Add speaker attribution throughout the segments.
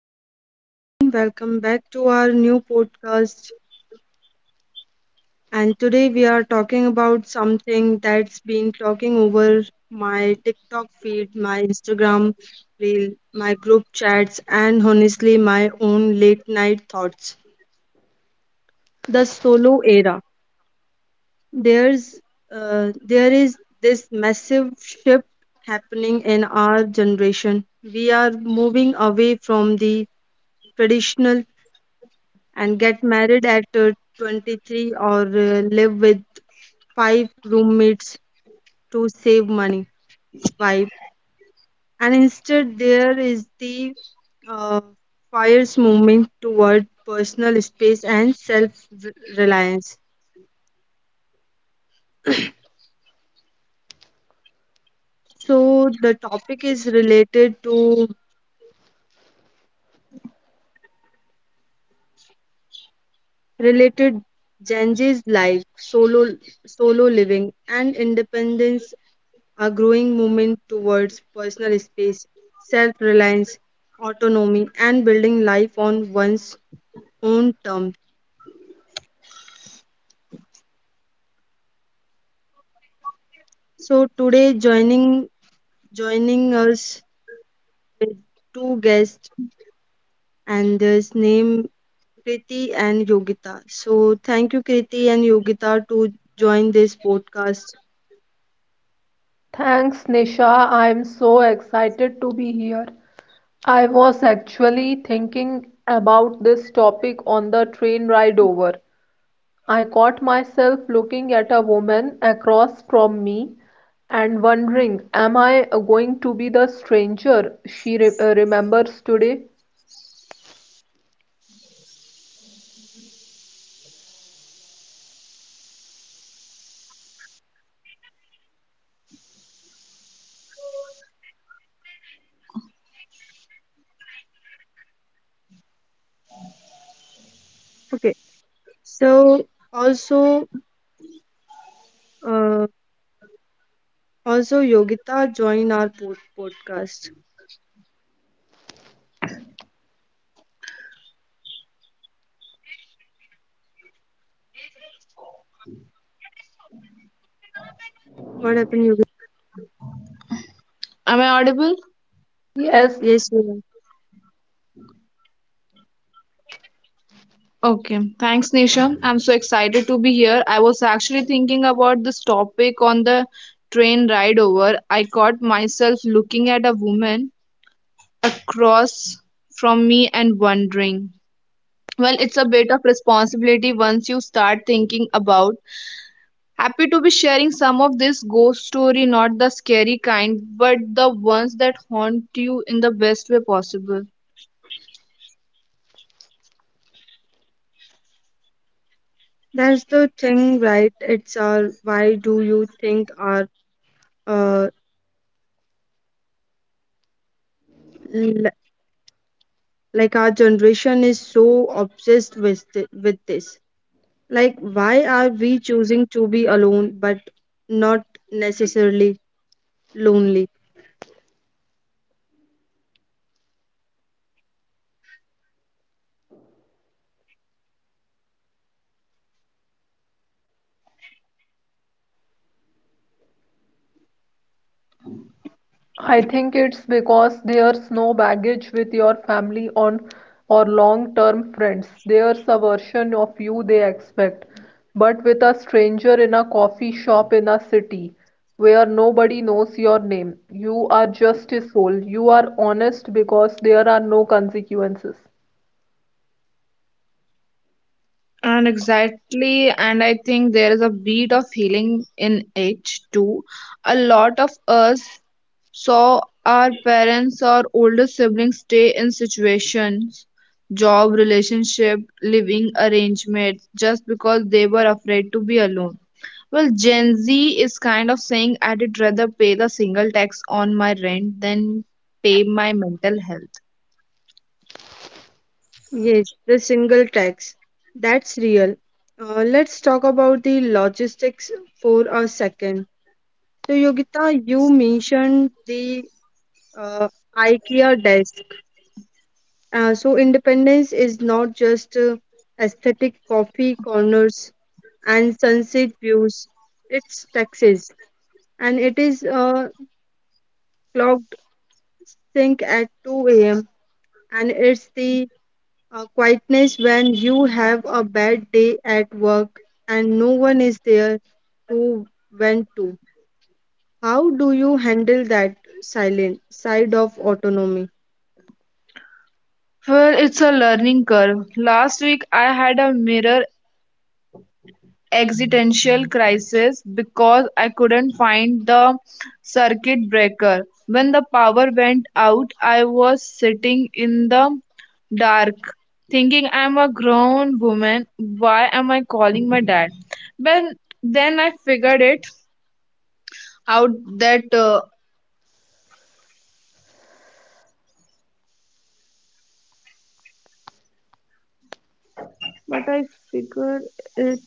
Speaker 1: hello everyone, welcome back to our new podcast. And today we are talking about something that's been talking over my TikTok feed, my Instagram reel, my group chats, and honestly, my own late night thoughts. The solo era. There's there is this massive shift happening in our generation. We are moving away from the traditional and get married at 23 or live with five roommates to save money vibe. And instead, there is the uh, fire's movement toward personal space and self reliance. So, the topic is related to related Genji's life, solo living, and independence, a growing movement towards personal space, self reliance, autonomy, and building life on one's own terms. So today, joining us with two guests, and this name Kriti and Yogita. So thank you, Kriti and Yogita, to join this podcast.
Speaker 2: Thanks, Nisha. I'm so excited to be here. I was actually thinking about this topic on the train ride over. I caught myself looking at a woman across from me and wondering, am I going to be the stranger she remembers today?
Speaker 1: Okay. So also, uh, also Yogita joined our podcast. What happened, Yogita?
Speaker 3: Am I audible?
Speaker 2: Yes,
Speaker 1: Yes, Yogita.
Speaker 3: Okay. Thanks, Nisha. I'm so excited to be here. I was actually thinking about this topic on the train ride over. I caught myself looking at a woman across from me and wondering. Well, it's a bit of responsibility once you start thinking about. Happy to be sharing some of this ghost story, not the scary kind, but the ones that haunt you in the best way possible.
Speaker 1: That's the thing, right? It's our why do you think our uh l- like our generation is so obsessed with with this? Like, why are we choosing to be alone but not necessarily lonely?
Speaker 2: I think it's because there's no baggage with your family on or long-term friends. There's a version of you they expect, but with a stranger in a coffee shop in a city where nobody knows your name, you are just a soul. You are honest because there are no consequences.
Speaker 3: And exactly, and I think there is a beat of healing in it too. A lot of us saw our parents or older siblings stay in situations, job, relationship, living arrangements, just because they were afraid to be alone. Well, Gen Z is kind of saying I'd rather pay the single tax on my rent than pay my mental health.
Speaker 1: Yes, the single tax. That's real. Let's talk about the logistics for a second. So, Yogita, you mentioned the uh, IKEA desk. So independence is not just aesthetic coffee corners and sunset views. It's taxes, and it is clocked sink at 2 a.m. and it's the quietness when you have a bad day at work and no one is there to vent to. How do you handle that silent side of autonomy?
Speaker 3: Well, it's a learning curve. Last week I had a mirror existential crisis because I couldn't find the circuit breaker. When the power went out, I was sitting in the dark thinking I'm a grown woman. Why am I calling my dad? But then I figured it out that uh, but I figured it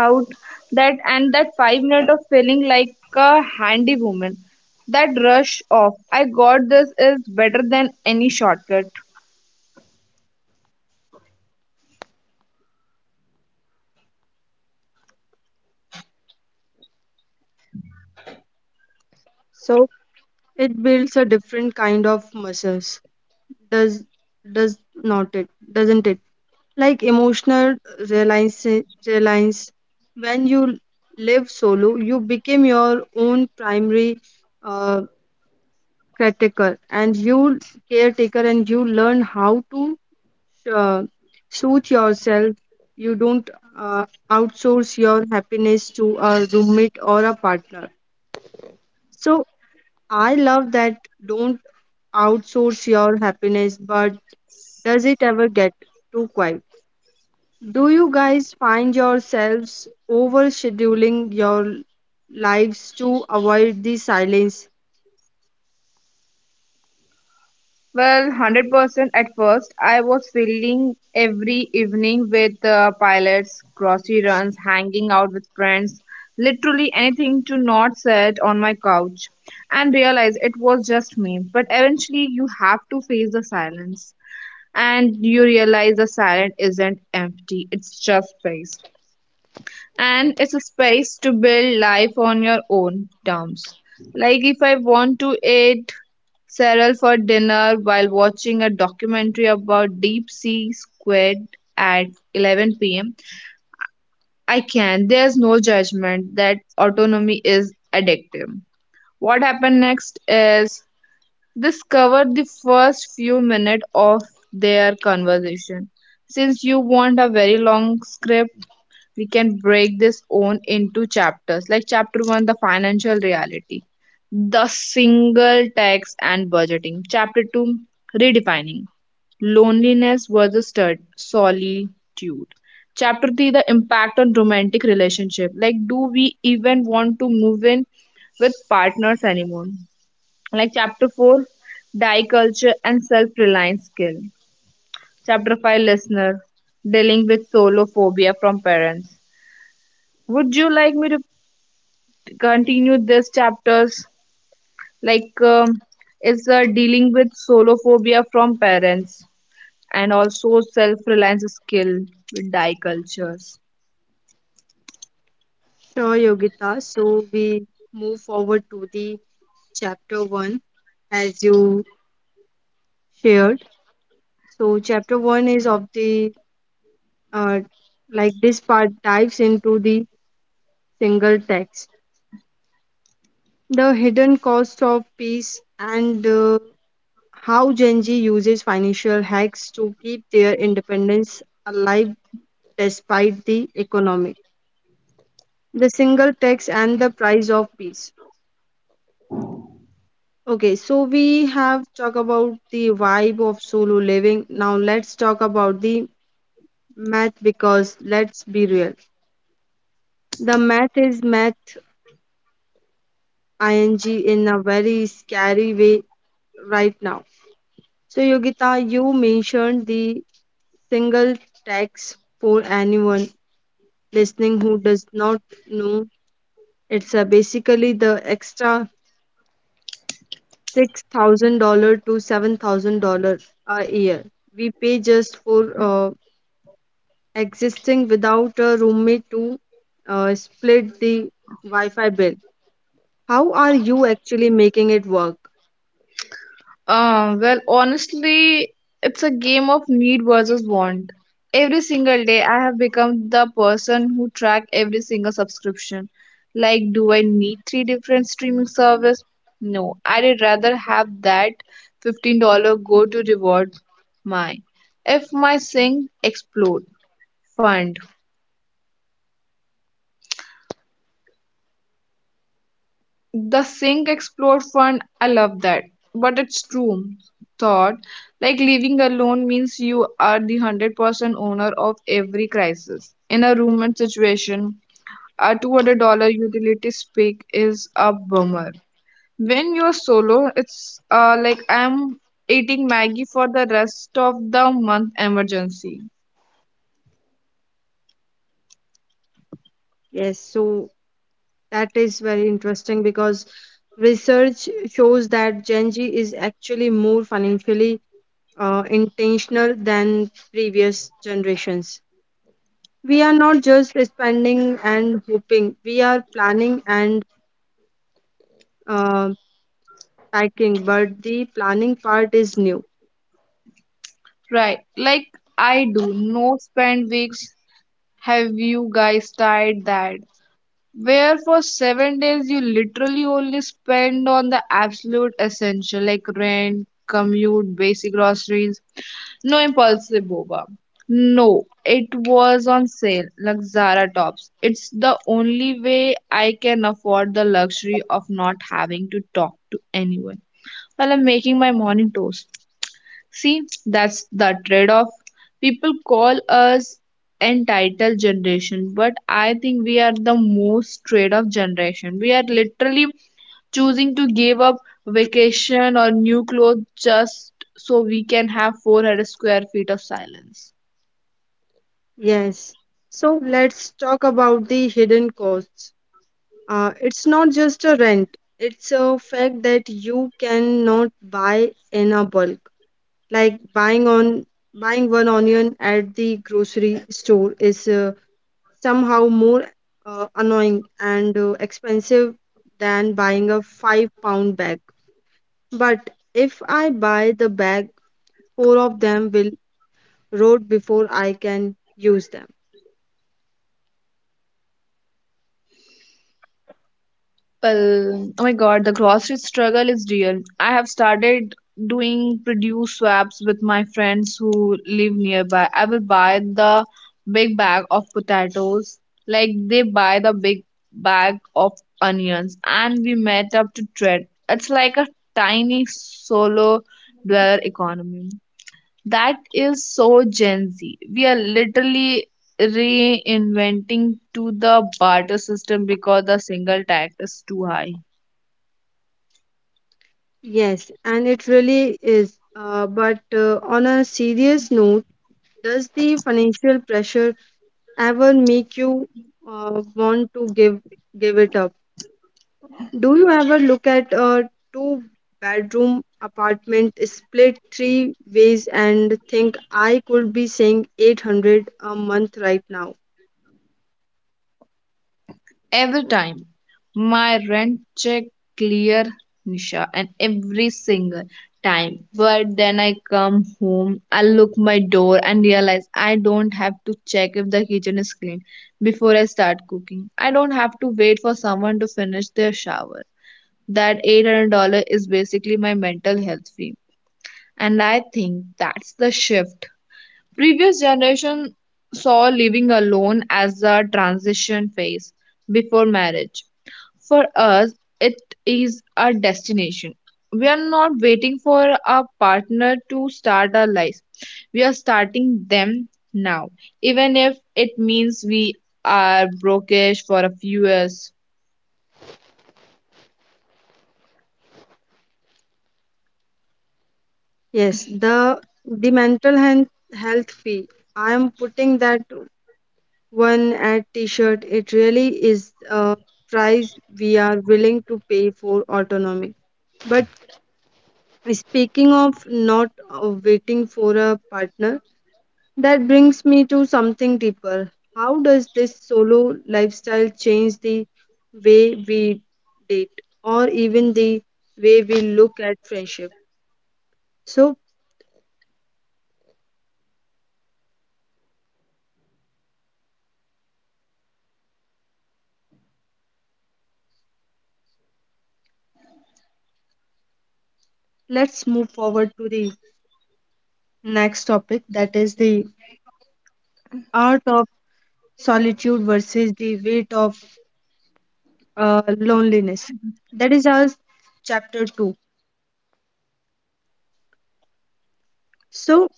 Speaker 3: out that and that 5 minutes of feeling like a handy woman, that rush off I got this, is better than any shortcut.
Speaker 1: So it builds a different kind of muscles. does does doesn't it like emotional reliance reliance? When you live solo you become your own primary uh, caretaker, and you learn how to uh, suit yourself. You don't uh, outsource your happiness to a roommate or a partner. So I love that, don't outsource your happiness, but does it ever get too quiet? Do you guys find yourselves overscheduling your lives to avoid the silence?
Speaker 3: Well, 100% at first, I was filling every evening with pilots, grocery runs, hanging out with friends, literally anything to not sit on my couch and realize it was just me. But eventually, you have to face the silence and you realize the silence isn't empty, it's just space, and it's a space to build life on your own terms. Like if I want to eat cereal for dinner while watching a documentary about deep sea squid at 11 p.m., I can. There's no judgment. That autonomy is addictive. What happened next is discover the first few minutes of their conversation. Since you want a very long script, we can break this on into chapters, like chapter 1, the financial reality, the single tax and budgeting; chapter 2, redefining loneliness versus solitude; chapter 3, the impact on romantic relationship, like do we even want to move in with partners anymore; like chapter 4, die culture and self-reliance skill; chapter 5, listener dealing with solo phobia from parents. Would you like me to continue this chapters? Like, it's dealing with solo phobia from parents and also self reliance skill with die cultures.
Speaker 1: Sure, Yogita. So we move forward to the chapter one as you shared. So chapter one is of the uh, like this part dives into the single text, the hidden cost of peace and how Gen Z uses financial hacks to keep their independence alive despite the economic, the single tax, and the price of peace. Okay, so we have talked about the vibe of solo living. Now let's talk about the math because let's be real. The math is math ing in a very scary way right now. So Yogita, you mentioned the single tax. For anyone listening who does not know, it's basically the extra $6,000 to $7,000 a year. We pay just for existing without a roommate to split the Wi-Fi bill. How are you actually making it work?
Speaker 3: Well, honestly, it's a game of need versus want. Every single day, I have become the person who track every single subscription. Like, do I need three different streaming service? No, I'd rather have that $15 go to reward my. If my sink explode, fine. The sink explode fund. I love that. But it's true thought. Like living alone means you are the 100% owner of every crisis. In a roommate situation, a $200 utility spike is a bummer. When you're solo, it's like I'm eating Maggie for the rest of the month emergency.
Speaker 1: Yes, so that is very interesting because research shows that Gen Z is actually more financially intentional than previous generations. We are not just spending and hoping, we are planning and uh, packing, but the planning part is new.
Speaker 3: Right. Like I do. No spend weeks. Have you guys tried that? Where for 7 days you literally only spend on the absolute essential like rent, commute, basic groceries. No impulsive boba. No, it was on sale, like Zara tops. It's the only way I can afford the luxury of not having to talk to anyone while I'm making my morning toast. See, that's the trade off. People call us entitled generation, but I think we are the most trade off generation. We are literally choosing to give up vacation or new clothes just so we can have 400 square feet of silence.
Speaker 1: Yes. So let's talk about the hidden costs. It's not just a rent, it's a fact that you cannot buy in a bulk. Like buying one onion at the grocery store is somehow more annoying and expensive than buying a 5 pound bag. But if I buy the bag, four of them will rot before I can use them.
Speaker 3: Well, oh my God, the grocery struggle is real. I have started doing produce swaps with my friends who live nearby. I will buy the big bag of potatoes, like they buy the big bag of onions, and we met up to trade. It's like a tiny solo dweller economy. That is so Gen Z. We are literally reinventing to the barter system because the single tax is too high.
Speaker 1: Yes, and it really is. But on a serious note, does the financial pressure ever make you want to give it up? Do you ever look at a two-bedroom apartment split three ways and think I could be saving 800 a month right now?
Speaker 3: Every time my rent check clear, Nisha, and every single time. But then I come home, I look my door and realize I don't have to check if the kitchen is clean before I start cooking. I don't have to wait for someone to finish their shower. That $800 is basically my mental health fee. And I think that's the shift. Previous generation saw living alone as a transition phase before marriage. For us, it is a destination. We are not waiting for a partner to start our lives. We are starting them now, even if it means we are brokish for a few years.
Speaker 1: Yes, the the mental health fee. I am putting that one at T-shirt. It really is a price we are willing to pay for autonomy. But speaking of not waiting for a partner, that brings me to something deeper. How does this solo lifestyle change the way we date or even the way we look at friendship? So let's move forward to the next topic, that is the art of solitude versus the weight of loneliness. That is our chapter 2. So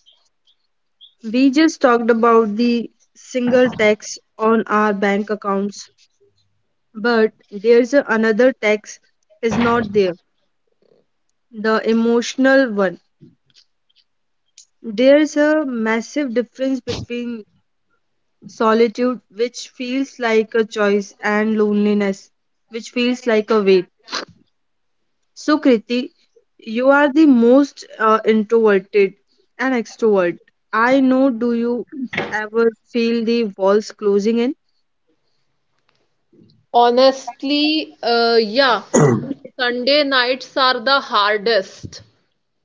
Speaker 1: we just talked about the single tax on our bank accounts, but there's a, another tax, is not there, the emotional one. There's a massive difference between solitude, which feels like a choice, and loneliness, which feels like a weight. So, Kriti, you are the most introverted and extrovert I know. Do you ever feel the walls closing in?
Speaker 2: Honestly, yeah, Sunday nights are the hardest.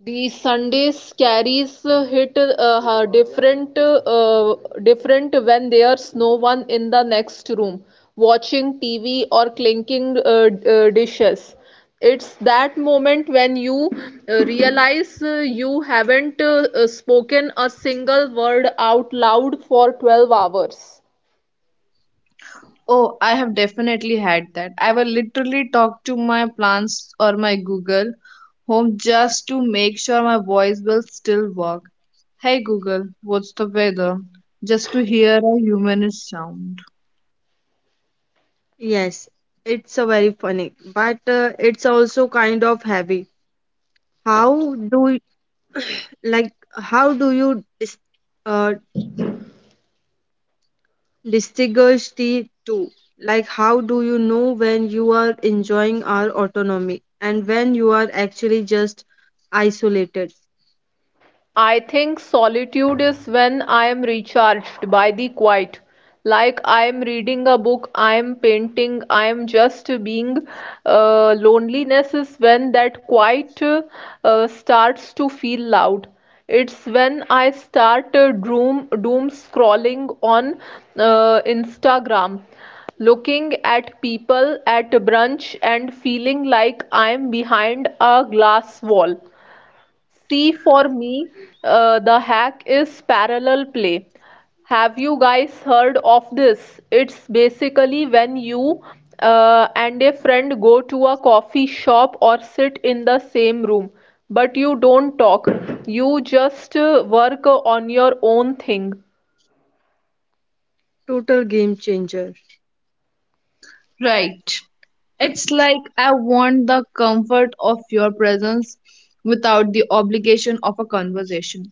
Speaker 2: The Sunday scaries hit different when there's no one in the next room watching TV or clinking dishes. It's that moment when you realize you haven't spoken a single word out loud for 12 hours.
Speaker 3: Oh, I have definitely had that. I will literally talk to my plants or my Google Home just to make sure my voice will still work. Hey Google, what's the weather? Just to hear a human sound.
Speaker 1: Yes, it's a very funny, but it's also kind of heavy. How do you, like how do you uh, distinguish the two? Like how do you know when you are enjoying our autonomy and when you are actually just isolated?
Speaker 2: I think solitude is when I am recharged by the quiet. Like I am reading a book, I am painting, I am just being. Loneliness is when that quiet starts to feel loud. It's when I start doom scrolling on Instagram, looking at people at brunch and feeling like I'm behind a glass wall. See, for me, the hack is parallel play. Have you guys heard of this? It's basically when you and a friend go to a coffee shop or sit in the same room, but you don't talk. You just work on your own thing.
Speaker 1: Total game changer.
Speaker 3: Right. It's like I want the comfort of your presence without the obligation of a conversation.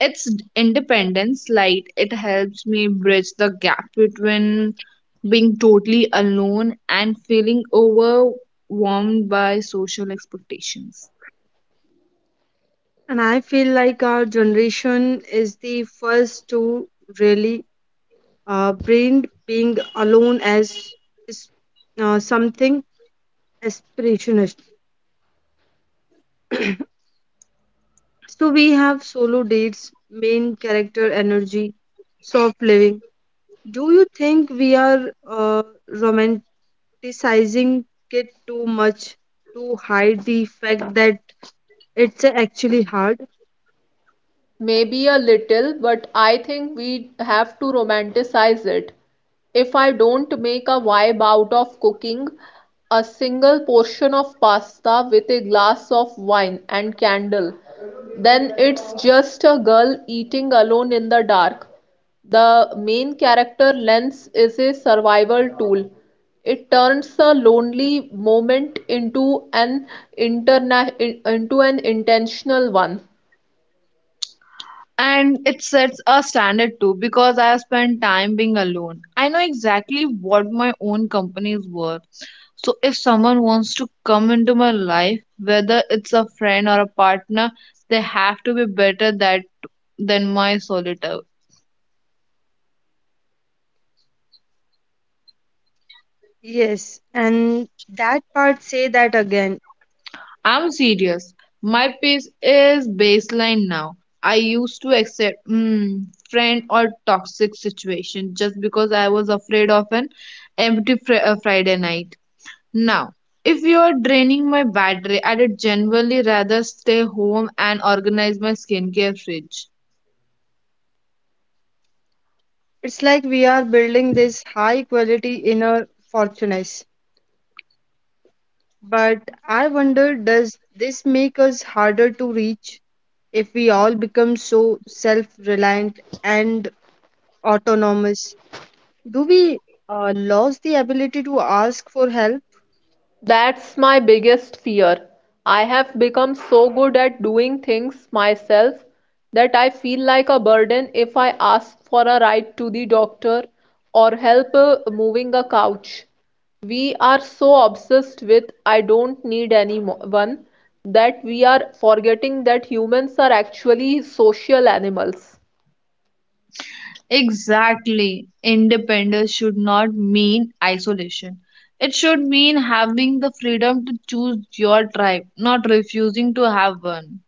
Speaker 3: It's independence, like it helps me bridge the gap between being totally alone and feeling overwhelmed by social expectations.
Speaker 1: And I feel like our generation is the first to really brand being alone as is, something aspirationist. So we have solo dates, main character energy, soft living. Do you think we are romanticizing it too much to hide the fact that it's actually hard?
Speaker 2: Maybe a little, but I think we have to romanticize it. If I don't make a vibe out of cooking a single portion of pasta with a glass of wine and candle, then it's just a girl eating alone in the dark. The main character lens is a survival tool. It turns a lonely moment into interna- into an intentional one.
Speaker 3: And it sets a standard too because I have spent time being alone. I know exactly what my own company is worth. So if someone wants to come into my life, whether it's a friend or a partner, they have to be better that than my solitaire.
Speaker 1: Yes, and that part, say that again.
Speaker 3: I'm serious. My pace is baseline now. I used to accept friend or toxic situation just because I was afraid of an empty Friday night. Now, if you are draining my battery, I'd generally rather stay home and organize my skincare fridge.
Speaker 1: It's like we are building this high quality inner fortress. But I wonder, does this make us harder to reach if we all become so self reliant and autonomous? Do we lose the ability to ask for help?
Speaker 2: That's my biggest fear. I have become so good at doing things myself that I feel like a burden if I ask for a ride to the doctor or help moving a couch. We are so obsessed with "I don't need anyone" that we are forgetting that humans are actually social animals.
Speaker 3: Exactly. Independence should not mean isolation. It should mean having the freedom to choose your tribe, not refusing to have one.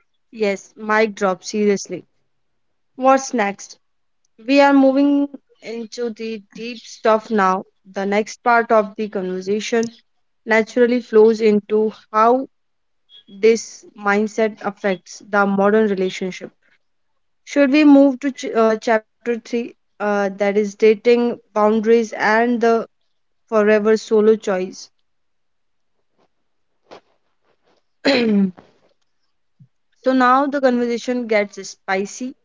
Speaker 1: Yes, mic drop, seriously. What's next? We are moving into the deep stuff now, the next part of the conversation naturally flows into how this mindset affects the modern relationship. Should we move to chapter 3, that is dating boundaries and the forever solo choice? So now the conversation gets spicy,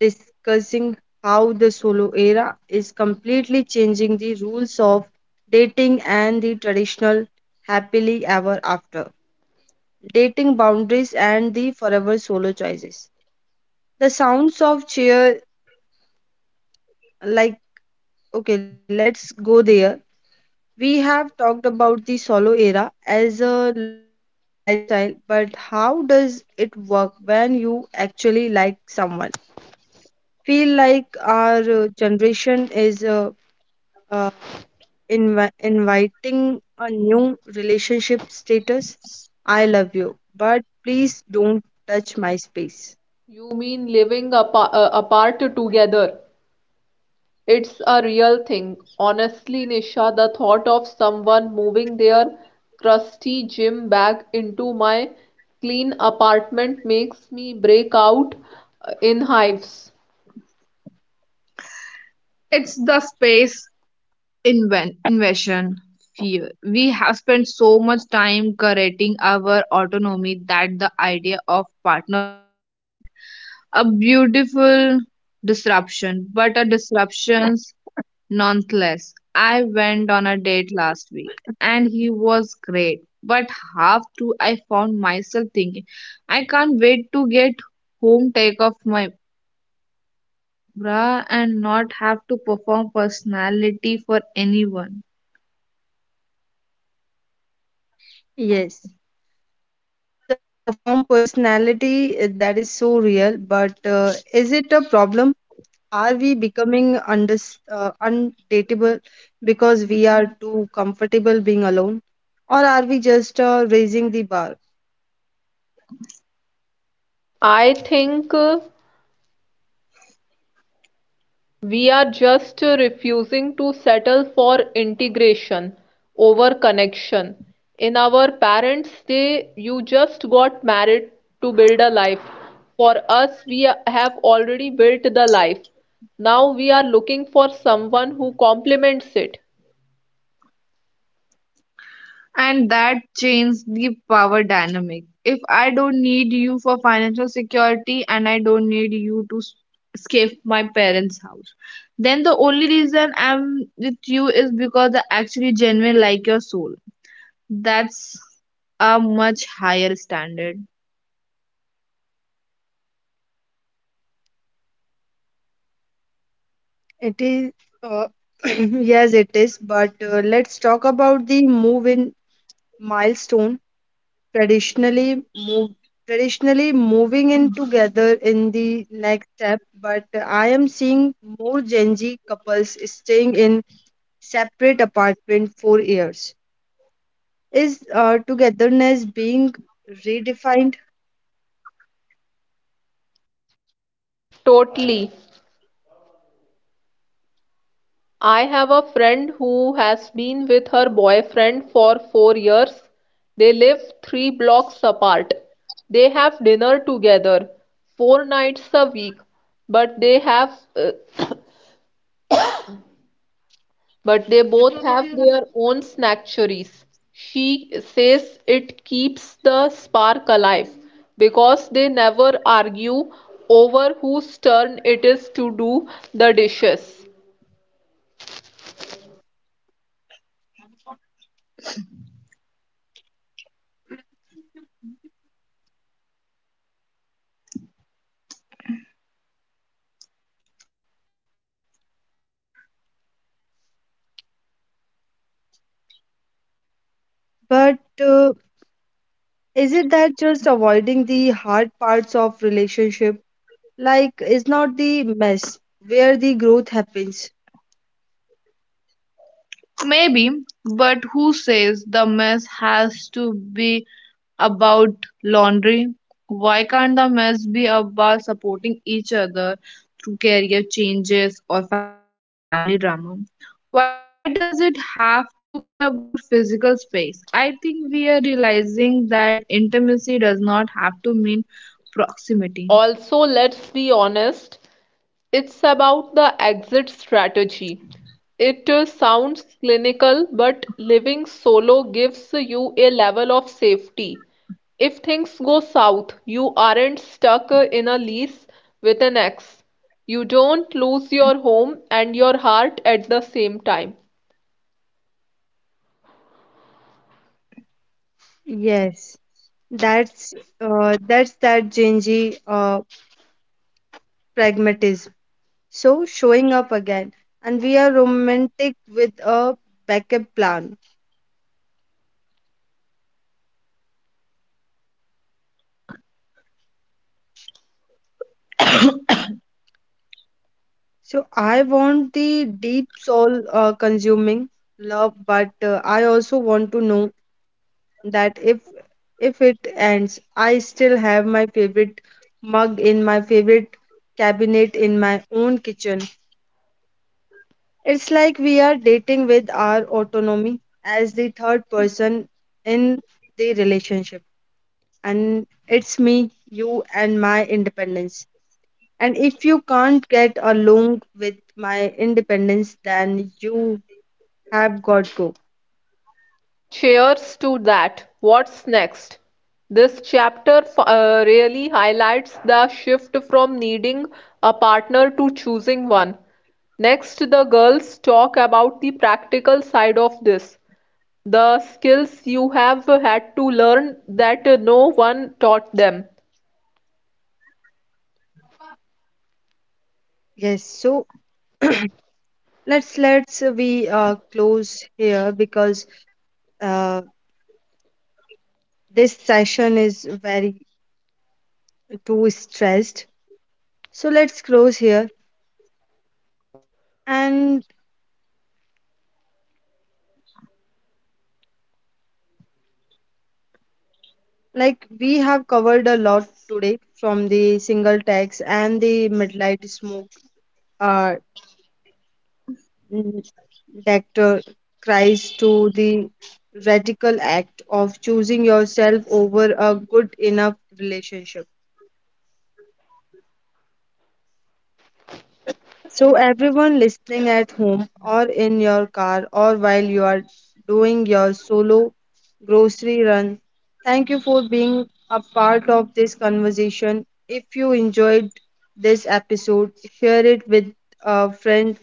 Speaker 1: discussing how the solo era is completely changing the rules of dating and the traditional happily ever after. Dating boundaries and the forever solo choices, the sounds of cheer. Like okay, let's go there. We have talked about the solo era as a lifestyle, but how does it work when you actually like someone? Feel like our generation is uh, inviting a new relationship status. I love you but please don't touch my space.
Speaker 2: You mean living apart together? It's a real thing. Honestly, Nisha, the thought of someone moving their crusty gym bag into my clean apartment makes me break out in hives.
Speaker 3: It's the invasion fear. We have spent so much time curating our autonomy that the idea of partner feels like a beautiful disruption, but a disruptions nonetheless. I went on a date last week and he was great, but half through I found myself thinking, I can't wait to get home, take off my bra and not have to perform personality for anyone.
Speaker 1: Yes. So, perform personality, eh, that is so real, but is it a problem? Are we becoming undis undateable because we are too comfortable being alone? Or are we just raising the bar?
Speaker 2: I think we are just refusing to settle for integration over connection. In our parents' day, you just got married to build a life. For us, we have already built the life. Now we are looking for someone who complements it.
Speaker 3: And that changed the power dynamic. If I don't need you for financial security and I don't need you to escape my parents' house, then the only reason I'm with you is because I actually genuinely like your soul. That's a much higher standard.
Speaker 1: It is, uh, yes, it is, but let's talk about the move in milestone. Traditionally move traditionally moving in together in the next step, but I am seeing more Gen Z couples staying in separate apartment for years. Is togetherness being redefined?
Speaker 2: Totally. I have a friend who has been with her boyfriend for 4 years. They live 3 blocks apart. They have dinner together 4 nights a week, but they have uh, but they both have their own snackeries. She says it keeps the spark alive because they never argue over whose turn it is to do the dishes.
Speaker 1: But is it that just avoiding the hard parts of relationship? Like is not the mess where the growth happens?
Speaker 3: Maybe, but who says the mess has to be about laundry. Why can't the mess be about supporting each other through career changes or family drama? Why does it have to be about physical space? I think we are realizing that intimacy does not have to mean proximity.
Speaker 2: Also, let's be honest, it's about the exit strategy. It sounds clinical, but living solo gives you a level of safety. If things go south, you aren't stuck in a lease with an ex. You don't lose your home and your heart at the same time.
Speaker 1: Yes, that's that Gen Z uh, pragmatism. So showing up again. And we are romantic with a backup plan. So I want the deep soul consuming love, but I also want to know that if it ends, I still have my favorite mug in my favorite cabinet in my own kitchen. It's like we are dating with our autonomy as the third person in the relationship. And it's me, you, and my independence. And if you can't get along with my independence, then you have got go.
Speaker 2: Cheers to that, what's next? This chapter really highlights the shift from needing a partner to choosing one. Next, the girls talk about the practical side of this, the skills you have had to learn that no one taught them.
Speaker 1: Yes, so let's we close here because uh, this session is very too stressed. So let's close here. And like we have covered a lot today, from the single tax and the midnight smoke uh, Mm, Dr. cries to the radical act of choosing yourself over a good enough relationship. So, everyone listening at home or in your car or while you are doing your solo grocery run, thank you for being a part of this conversation. If you enjoyed this episode, share it with a friend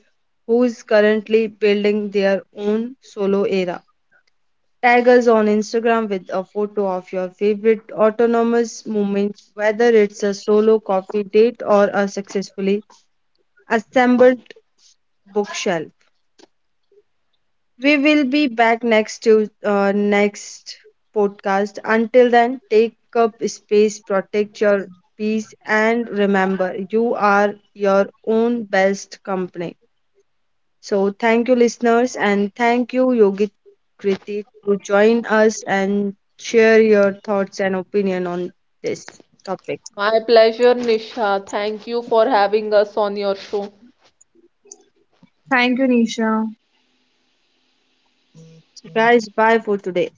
Speaker 1: who's currently building their own solo era. Tag us on Instagram with a photo of your favorite autonomous moment, whether it's a solo coffee date or a successfully assembled bookshelf. We will be back next to next podcast. Until then, take up space, protect your peace, and remember you are your own best company. So, thank you, listeners, and thank you, Yogi, Priti, to join us and share your thoughts and opinion on this topic.
Speaker 2: My pleasure, Nisha. Thank you for having us on your show.
Speaker 3: Thank you, Nisha.
Speaker 1: So guys, bye for today.